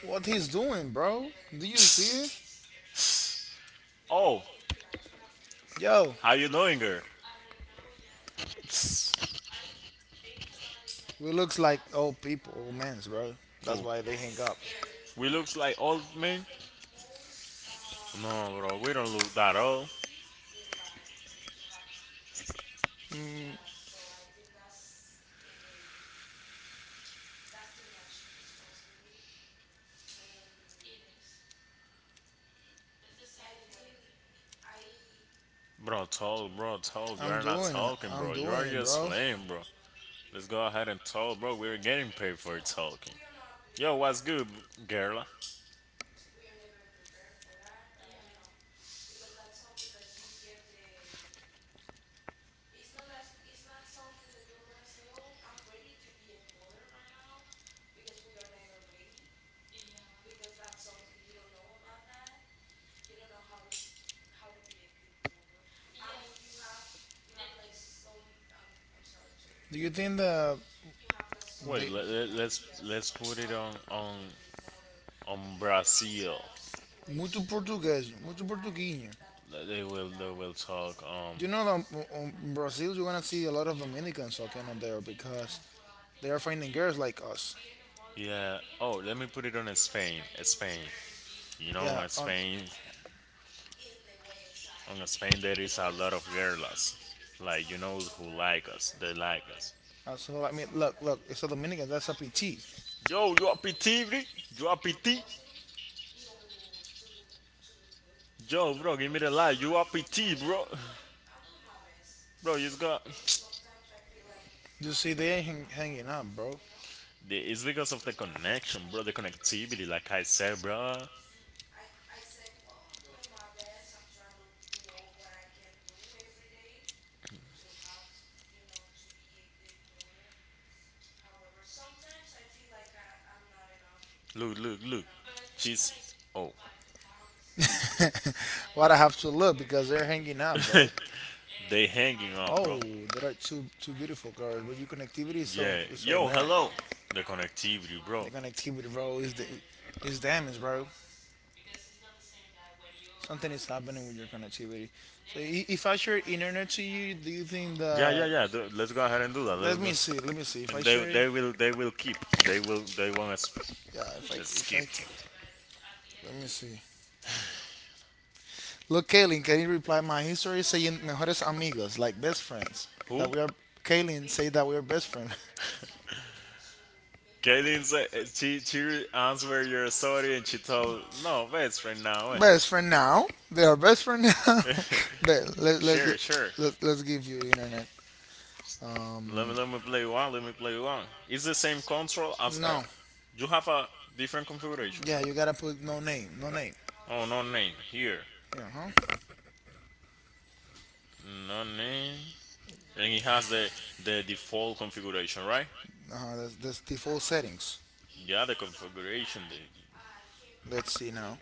S2: What he's doing, bro? Do you see it?
S1: Oh,
S2: Yo,
S1: how you doing, girl?
S2: we looks like old people, old mans, bro. That's
S1: Who?
S2: why they hang up.
S1: We looks like old men? No, bro, we don't look that old. Bro, talk, bro, talk. You
S2: I'm
S1: are not
S2: doing it.
S1: talking,
S2: I'm
S1: bro. You
S2: doing
S1: are
S2: it,
S1: just
S2: bro.
S1: playing, bro. Let's go ahead and talk, bro. We're getting paid for talking. Yo, what's good, girl?
S2: Do you think that
S1: Wait,
S2: they
S1: let, let, let's let's put it on on on Brazil.
S2: muito português, muito portuguinho?
S1: Let- They will they will talk. Um,
S2: Do you know that in in Brazil you're gonna see a lot of Dominicans walking on there because they are finding girls like us.
S1: yeah. Oh, let me put it on Spain. Spain. You know,
S2: Yeah,
S1: on
S2: on
S1: Spain, on Spain there is a lot of girls, like you know who like us. They like us.
S2: uh, so I mean, look, look, it's a Dominican. That's a P T.
S1: Yo, you P T bro? You P T? Yo, bro, give me the light. You P T, bro? Bro, you just got.
S2: You see, they ain't hang, hanging up, bro.
S1: The- It's because of the connection, bro. The connectivity, like I said, bro. Look, look, look. She's oh.
S2: What I have to look? Because they're hanging out, bro.
S1: They hanging up, bro.
S2: Oh, there are two two beautiful girls, but your connectivity is so yeah,
S1: Yeah.
S2: is so yo,
S1: Yo,
S2: bad. Hello.
S1: hello.
S2: The
S1: The connectivity,
S2: connectivity, bro.
S1: bro.
S2: The connectivity, bro, is the is damaged, bro. Something is happening with your connectivity. So i- if I share internet to you, do you think
S1: Yeah, yeah,
S2: that?
S1: yeah. th- Let's go ahead and do that. Let's
S2: Let
S1: go.
S2: me see. Let me see. If I
S1: And they
S2: share, yeah.
S1: they will they will keep. They will they want us
S2: If I if I
S1: skipped.
S2: let me see. Look, Kaylin, can you reply my history saying mejores amigos, like best friends?
S1: Who?
S2: That we are. Kaylin say that we are best friends.
S1: Kaylin said uh, she she answered your story and she told no best right now.
S2: best friend now. They are best friend now. but let, let,
S1: Sure,
S2: let,
S1: sure.
S2: let, let's give you internet.
S1: Let me let me play one. Let me play one. It's the same control as L.
S2: No.
S1: You have a different configuration.
S2: Yeah, you gotta put no name. No name.
S1: Oh, no name here.
S2: Yeah, huh?
S1: No name. And it has the the default configuration, right?
S2: Uh-huh, that's, that's default settings.
S1: Yeah, the configuration. The
S2: Let's see now.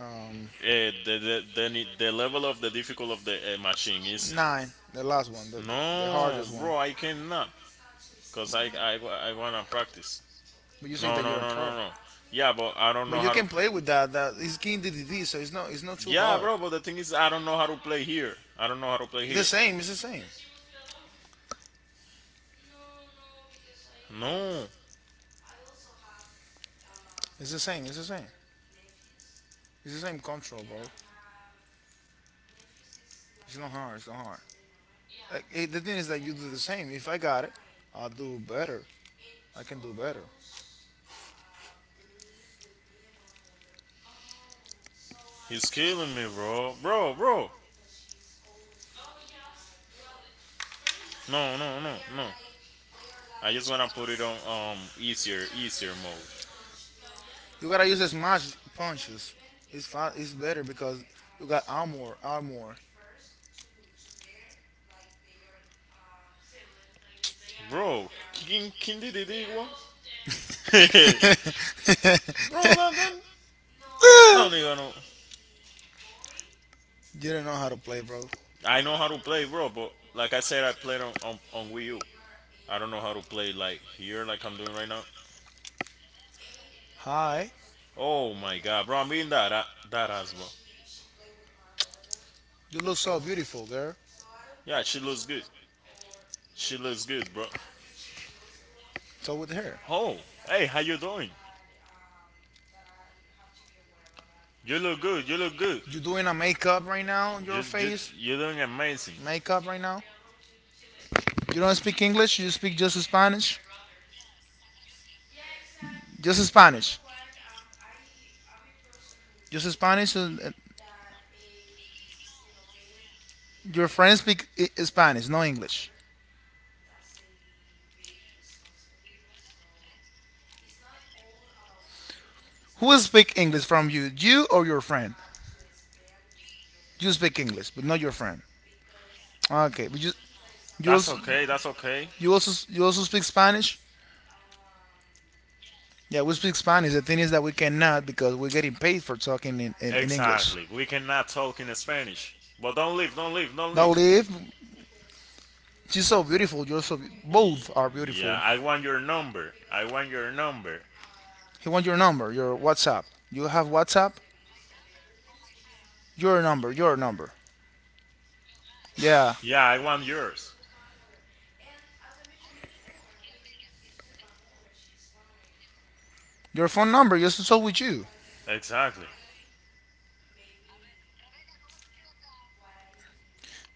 S2: Um,
S1: uh, the, the the the level of the difficulty of the uh, machine is.
S2: nine. The
S1: One.
S2: last one. The,
S1: The
S2: the, the
S1: no,
S2: hardest one.
S1: bro, I cannot. Cause I I, I wanna practice.
S2: But you say
S1: No,
S2: that
S1: no,
S2: you're a
S1: no,
S2: pro.
S1: no, no. Yeah, but I don't know
S2: But you
S1: how to.
S2: can
S1: Can
S2: play with that. That is King D D D, so it's not it's not too
S1: yeah, hard.
S2: hard.
S1: Bro, but the thing is, I don't know how to play here. I don't know how to play
S2: It's
S1: here.
S2: the same. It's the same.
S1: No,
S2: It's the same. It's the same. It's the same control, bro. It's not hard. It's not hard. Like, eh, the thing is that you do the same. If I got it, I'll do better. I can do better.
S1: he's killing me, bro. Bro, bro. No, no, no, no. I just wanna put it on um easier, easier mode.
S2: You gotta use as much punches. It's fine. It's better because you got armor. Armor.
S1: Bro, King King D D D one.
S2: Tell
S1: Bro, that, that no
S2: not
S1: nigga no.
S2: you don't know how to play, bro.
S1: I know how to play, bro, but like I said, I played on on, on Wii U. I don't know how to play like here, like I'm doing right now.
S2: Hi.
S1: Oh my god, bro! I'm eating that that, that ass, bro.
S2: You look so beautiful, girl.
S1: Yeah, she looks good. She looks good, bro.
S2: So with her.
S1: Oh, hey, how you doing? You look good. You look good.
S2: You doing a makeup right now on your
S1: Just, just,
S2: face?
S1: you're doing amazing.
S2: Makeup right now? You don't speak English. You speak just Spanish. Just Spanish. Just Spanish. and, uh, Your friends speak I- Spanish, no English. Who speak English from you? You or your friend? You speak English, but not your friend. Okay, but you you
S1: That's
S2: also
S1: okay. That's okay.
S2: you also you also speak Spanish. Yeah, we speak Spanish. The thing is that we cannot because we're getting paid for talking in, in, in English.
S1: Exactly. We cannot talk in Spanish. But don't leave. Don't leave. Don't
S2: Now,
S1: leave.
S2: leave. Liv, she's so beautiful. You're so be-
S1: Y-
S2: both are beautiful.
S1: yeah,
S2: Yeah.
S1: I want your number. I want your number.
S2: He wants your number, your WhatsApp. You have WhatsApp? your number, your number. Yeah,
S1: Yeah, I want yours.
S2: your phone number. Just talk with you.
S1: Exactly.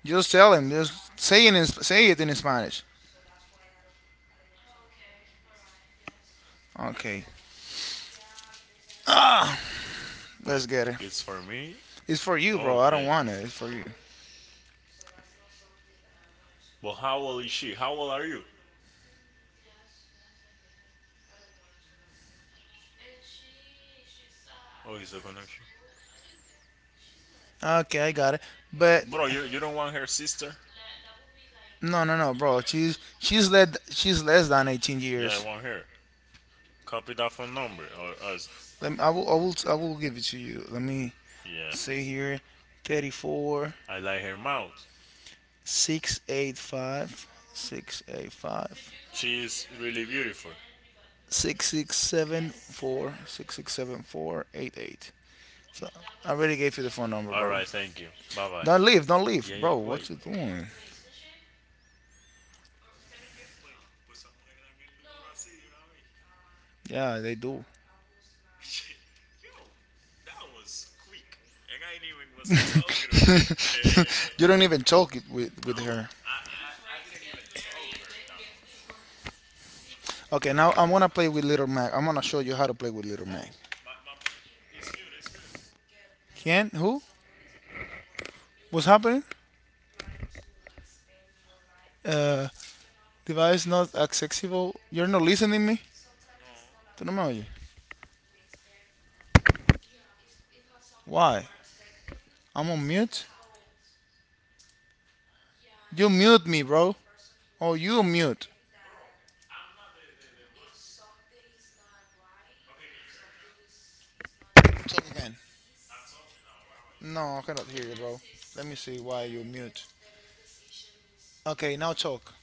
S2: Just tell him. Just say it in say it in Spanish. Okay,
S1: Wait,
S2: let's get it.
S1: it's for me?
S2: It's for you, bro. I don't
S1: Okay.
S2: want it. It's for you.
S1: Well, how old is she? How old are you? Oh, is the connection?
S2: Okay, I got it. But
S1: Bro, you, you don't want her sister?
S2: no, no, no, bro. She's she's led she's less than eighteen, yeah,
S1: Yeah, I
S2: years. I years.
S1: want her. Copy that phone number or us.
S2: Let me, I will I will I will give it to you. Let me
S1: Yeah.
S2: see here.
S1: I like
S2: 34
S1: her mouth.
S2: 685 six eight five
S1: She is really beautiful.
S2: six six seven four six six seven four eight eight. So I already gave you the phone number,
S1: All
S2: bro. All
S1: right, thank you. Bye bye.
S2: Don't leave, don't leave,
S1: Yeah,
S2: yeah,
S1: yeah.
S2: bro.
S1: Wait,
S2: What you doing? Yeah, they do. Yo, you don't even talk it with with no her. Okay, now I'm gonna play with Little Mac. I'm gonna show you how to play with Little Mac. Can who? What's happening? Uh, Device not accessible. You're not listening to me. Tú no me oyes. Why? I'm on mute. You mute me, bro. Oh, you mute. Talk again. No, I cannot hear you, bro. Let me see why you mute. Okay, now talk.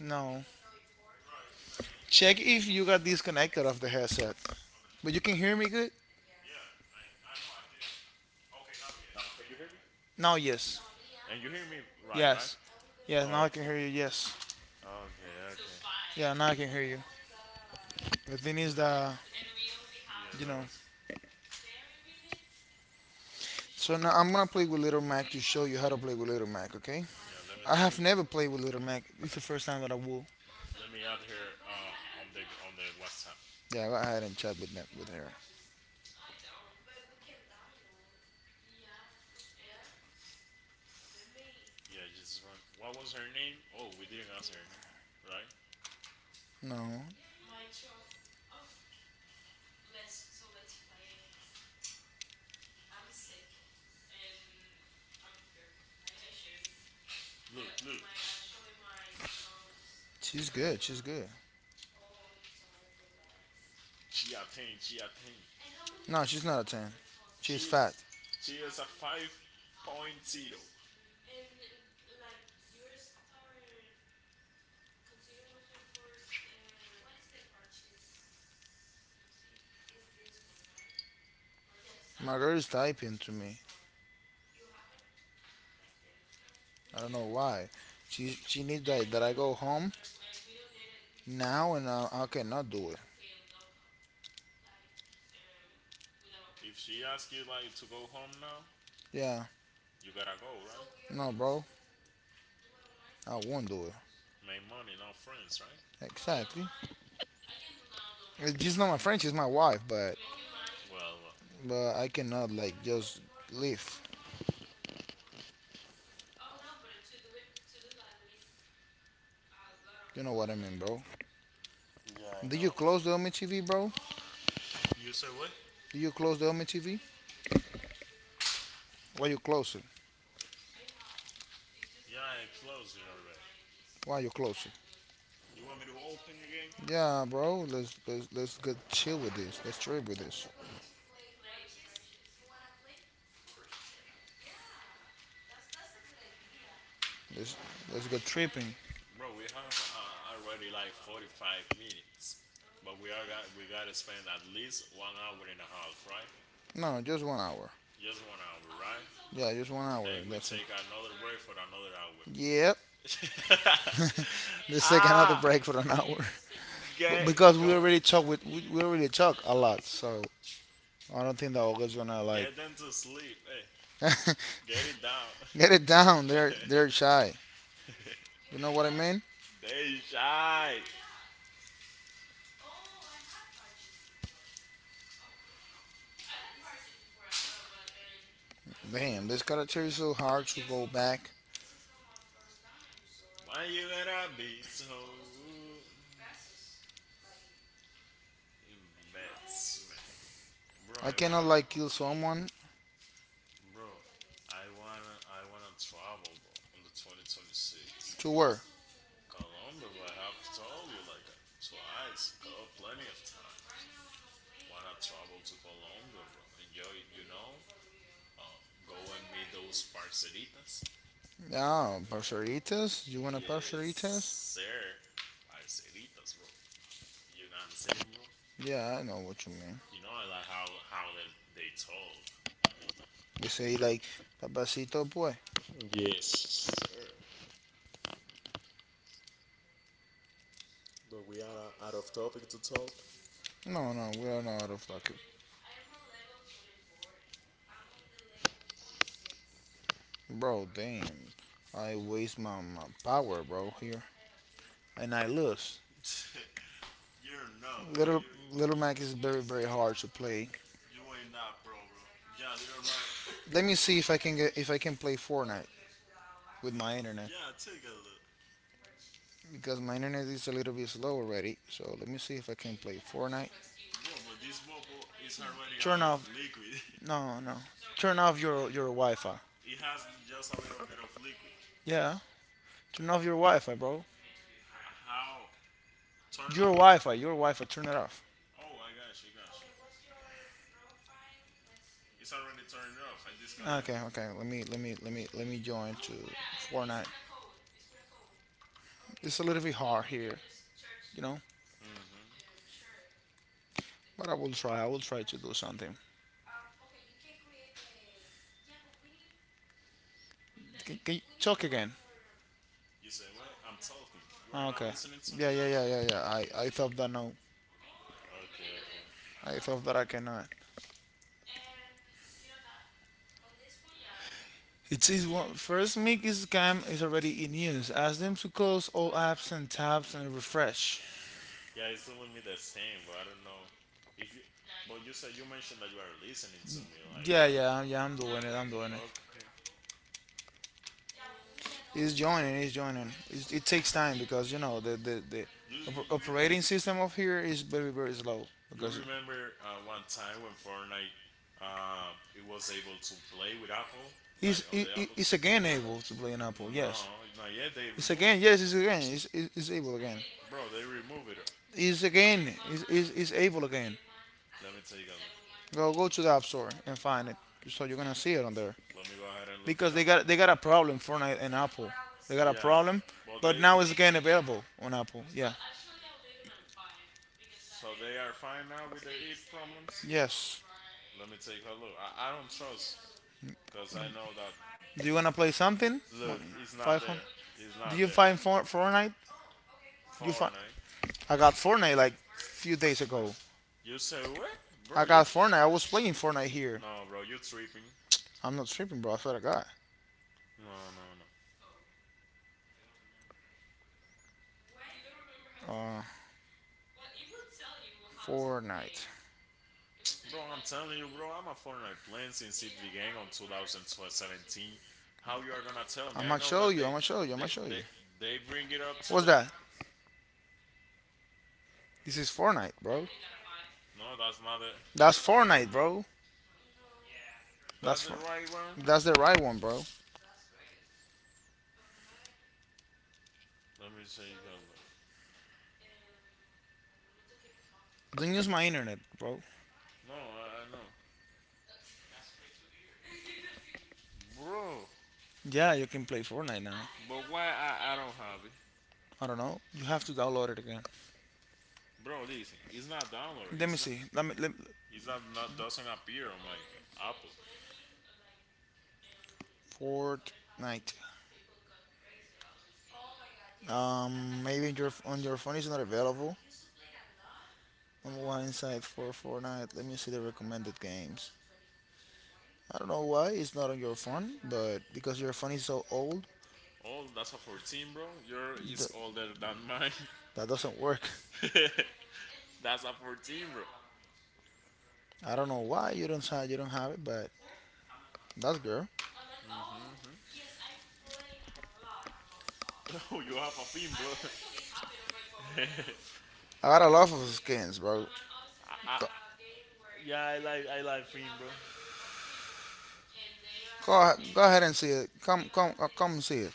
S2: No. Check if you got disconnected of the headset. But you can hear me good? Now, yes.
S1: and you hear me right, right?
S2: Yes. Yes,
S1: Oh,
S2: now I
S1: okay,
S2: can hear you. Yes.
S1: okay, okay.
S2: Yeah, now I can hear you. The thing is that,
S1: Yeah,
S2: you
S1: that
S2: know.
S1: was.
S2: So now I'm gonna play with Little Mac to show you how to play with Little Mac, okay?
S1: Yeah, let me
S2: I
S1: let
S2: have
S1: me
S2: never played with Little Mac. It's the first time that I will.
S1: let me add her uh, on the on the WhatsApp.
S2: Yeah, go ahead and chat with, with her.
S1: Yeah, just run. What was her name? Oh, we didn't ask her name, right?
S2: No,
S1: Look, look.
S2: she's good. She's good.
S1: She attained. She attained.
S2: No, she's not a ten. She's
S1: She
S2: fat.
S1: she is a five point zero.
S2: My girl is typing to me. I don't know why. She she needs that, that I go home now and I, I cannot do it.
S1: If she asks you like to go home now,
S2: Yeah.
S1: you gotta go, right?
S2: No, bro. I won't do it.
S1: Make money, not friends, right?
S2: Exactly. It's just not my friend. She's my wife, but
S1: Well, well,
S2: but I cannot like just leave. You know what I mean, bro.
S1: yeah, I
S2: Did you
S1: know.
S2: close the Omi T V, bro?
S1: You say what?
S2: Did you close the Omi T V? Why you close it?
S1: Yeah, I closed it already.
S2: Why you close it?
S1: You want me to open again?
S2: Yeah, bro. Let's let's let's get chill with this. Let's trip with this. Let's let's get tripping.
S1: Bro, we have uh, already like forty-five minutes. But we are got, we gotta spend at least one hour and a half, right?
S2: No, just one hour.
S1: Just one hour, right?
S2: Yeah, just one hour.
S1: Then we
S2: That's it.
S1: take another break for another hour.
S2: Yep. Let's take another
S1: ah,
S2: break for an hour. B-
S1: get
S2: because we
S1: go,
S2: already talk with we, we already talk a lot. So I don't think that Olga's gonna like
S1: get them to sleep. Eh.
S2: get them sleep.
S1: Get it down.
S2: Hey, get it down. They're they're shy. You know what I mean?
S1: They shy.
S2: Damn, this character is so hard to go back.
S1: Why you gotta be so rude? That's man, bro.
S2: I
S1: I
S2: cannot
S1: wanna,
S2: like kill someone
S1: bro. I wanna, I wanna travel, bro. On the twenty twenty-six,
S2: to where.
S1: Colombia, bro. I have told you like uh, twice, co- plenty of times. Wanna travel to Colombia, bro. Enjoy, it, you know. Um, go and meet those parceritas.
S2: Ah, parceritas. You want a
S1: Yes,
S2: parceritas?
S1: sir. Parceritas, bro. You know what I'm saying, bro.
S2: Yeah, I know what you mean.
S1: You know I like how how they they talk.
S2: They say like papacito pues.
S1: Yes, sir. But we are uh, out of topic to talk.
S2: No, no, we are not out of lucky. Bro, damn. I waste my, my power, bro, here. And I lose.
S1: You're no, bro.
S2: Little
S1: You're
S2: Little
S1: you
S2: Mac is very very hard to play.
S1: you ain't that, bro, bro. Yeah, little Mac.
S2: Let me see if I can get if I can play Fortnite with my internet.
S1: Yeah, take a look,
S2: Because my internet is a little bit slow already. So let me see if I can play Fortnite.
S1: bro. But this bubble is already out
S2: Turn
S1: of
S2: off.
S1: liquid.
S2: No, no. Turn off your your Wi-Fi.
S1: It has just a little bit of liquid.
S2: Yeah. Turn off your Wi-Fi, bro.
S1: H- how? Turn
S2: Your
S1: on?
S2: Wi-Fi. Your Wi-Fi. Turn it off.
S1: Oh, I got you, got you. It's already turned off. I disconnected.
S2: Okay, okay. Let me let me let me let me join to Fortnite. It's a little bit hard here, you know.
S1: Mm-hmm.
S2: But I will try. I will try to do something. Can, can you talk again?
S1: You say what? I'm talking. You are not
S2: Okay.
S1: listening to me.
S2: Yeah, yeah, yeah, yeah, yeah. I I thought that now.
S1: Okay, okay.
S2: I thought that I cannot. It says one, first Mickey's scam is already in use. Ask them to close all apps and tabs and refresh.
S1: Yeah, it's telling me the same, but I don't know if you. But you said you mentioned that you are listening to me, like
S2: Yeah,
S1: right
S2: yeah, yeah. I'm doing it. I'm doing it.
S1: okay.
S2: It's joining. It's joining. It's, it takes time because you know the the, the
S1: You you
S2: op-
S1: you,
S2: operating system of here is very very slow
S1: you
S2: because
S1: remember uh, one time when Fortnite um it was able to play with Apple
S2: It, it's
S1: like on
S2: it,
S1: the
S2: it,
S1: Apple
S2: it's
S1: Store?
S2: again able to play an Apple. Yes.
S1: No, not yet. They
S2: It's
S1: remove
S2: again.
S1: it,
S2: Yes. It's again. It's it's, it's able again.
S1: bro. They remove it.
S2: It's again. It's, it's, it's able again.
S1: Let me take a look.
S2: Go go to the App Store and find it. So you're gonna see it on there
S1: Let me go ahead and look
S2: because
S1: it
S2: they
S1: up.
S2: got they got a problem Fortnite and Apple. They got a
S1: Yeah.
S2: problem,
S1: Well,
S2: but
S1: they
S2: now it's again available on Apple. Yeah.
S1: so they are fine now with their e problems.
S2: Yes.
S1: Let me take a look. I, I don't trust because I know that
S2: Do you wanna
S1: it's
S2: play something?
S1: look. It's not
S2: Five hundred.
S1: there. It's
S2: Do
S1: not
S2: you
S1: there.
S2: find For- Fortnite? You find?
S1: Fortnite.
S2: I got Fortnite like few days ago.
S1: You say what,
S2: I
S1: bro? You
S2: got Fortnite. I was playing Fortnite here.
S1: no, bro. You tripping.
S2: I'm not tripping, bro. That's what I got.
S1: No, no, no.
S2: Uh, Fortnite.
S1: Bro, I'm telling you, bro, I'm a Fortnite player since it began on two thousand seventeen. How you are gonna tell me?
S2: I'm
S1: I
S2: gonna
S1: know
S2: show
S1: that
S2: you. I'm
S1: they
S2: gonna show you. I'm gonna
S1: they
S2: show you.
S1: they, they bring it up to
S2: What's
S1: the
S2: that? This is Fortnite, bro.
S1: no, that's not it.
S2: That's Fortnite, bro. That's
S1: That's the
S2: for-
S1: right one.
S2: that's the right one, bro.
S1: Let me say you can look.
S2: Don't use my internet, bro.
S1: No, I, I know. Bro,
S2: Yeah, you can play Fortnite now.
S1: but why I, I don't have it?
S2: I don't know. You have to download it again. Bro,
S1: Bro,
S2: this
S1: listen, it's
S2: it's not
S1: not download.
S2: downloaded. Let me
S1: It's not
S2: see. Let me let me-
S1: it's not, not doesn't appear on my Apple.
S2: Fortnite. Um, maybe your on your phone is not available. Online site for Fortnite. Let me see the recommended games. I don't know why it's not on your phone, but because your phone is so old.
S1: Oh, that's a fourteen, bro. Your
S2: Your
S1: is older
S2: are the-
S1: than mine.
S2: That doesn't work.
S1: That's a fourteen, bro.
S2: I don't know why you don't have you don't have it, but that's good.
S1: Oh, you have a film, bro.
S2: I got a lot of skins, bro.
S1: I, I,
S2: Go,
S1: yeah, I like I like film, bro.
S2: go, ahe- go ahead and see it. Come, come, uh, come see it.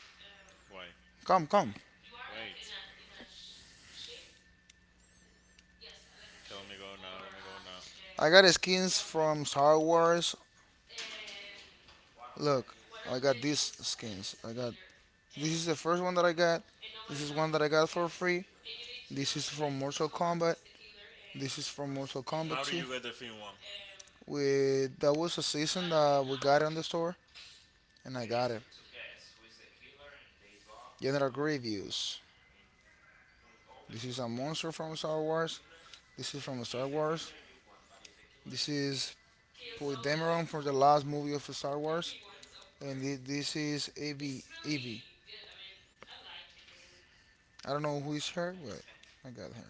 S1: Why?
S2: Come, come.
S1: Wait. Okay, let me go now. Let me go now.
S2: I got skins from Star Wars. Look, I got these skins. I got This is the first one that I got. This is one that I got for free. This is from Mortal Kombat. This is from Mortal Kombat
S1: How did
S2: two.
S1: you get the film one?
S2: We That was a season that we got on the store, and I got it. General Grievous. This is a monster from Star Wars. This is from Star Wars. This is Polydameron from the last movie of Star Wars. And thi- this is Evie. Evie. I don't know who is her, but I got her.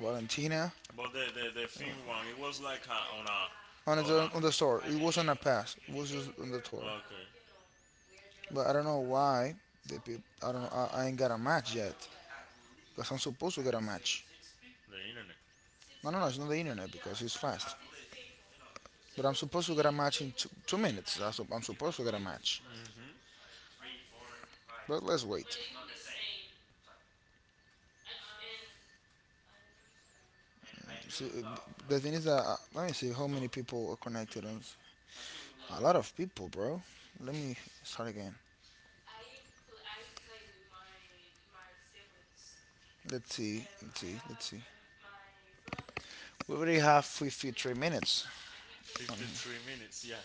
S2: Valentina.
S1: But the the, the film one, it was like a, on a
S2: On
S1: on
S2: the,
S1: a
S2: on the store. It wasn't a pass. It was just on the tour.
S1: okay
S2: But I don't know why. The peop I don't. I, I ain't got a match yet. Because I'm supposed to get a match.
S1: the internet.
S2: No, no, no. It's not the internet because it's fast. But I'm supposed to get a match in two, two minutes. I'm supposed to get a match. But let's wait. So, uh, the thing is that uh, let me see how many people are connected. On, s- a lot of people, bro. Let me start again. Let's see. Let's see. Let's see. We already have fifty-three minutes on
S1: Fifty
S2: here.
S1: three minutes. Yeah,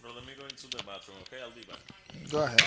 S1: bro. Let me go into the bathroom. Okay, I'll be back.
S2: Go ahead.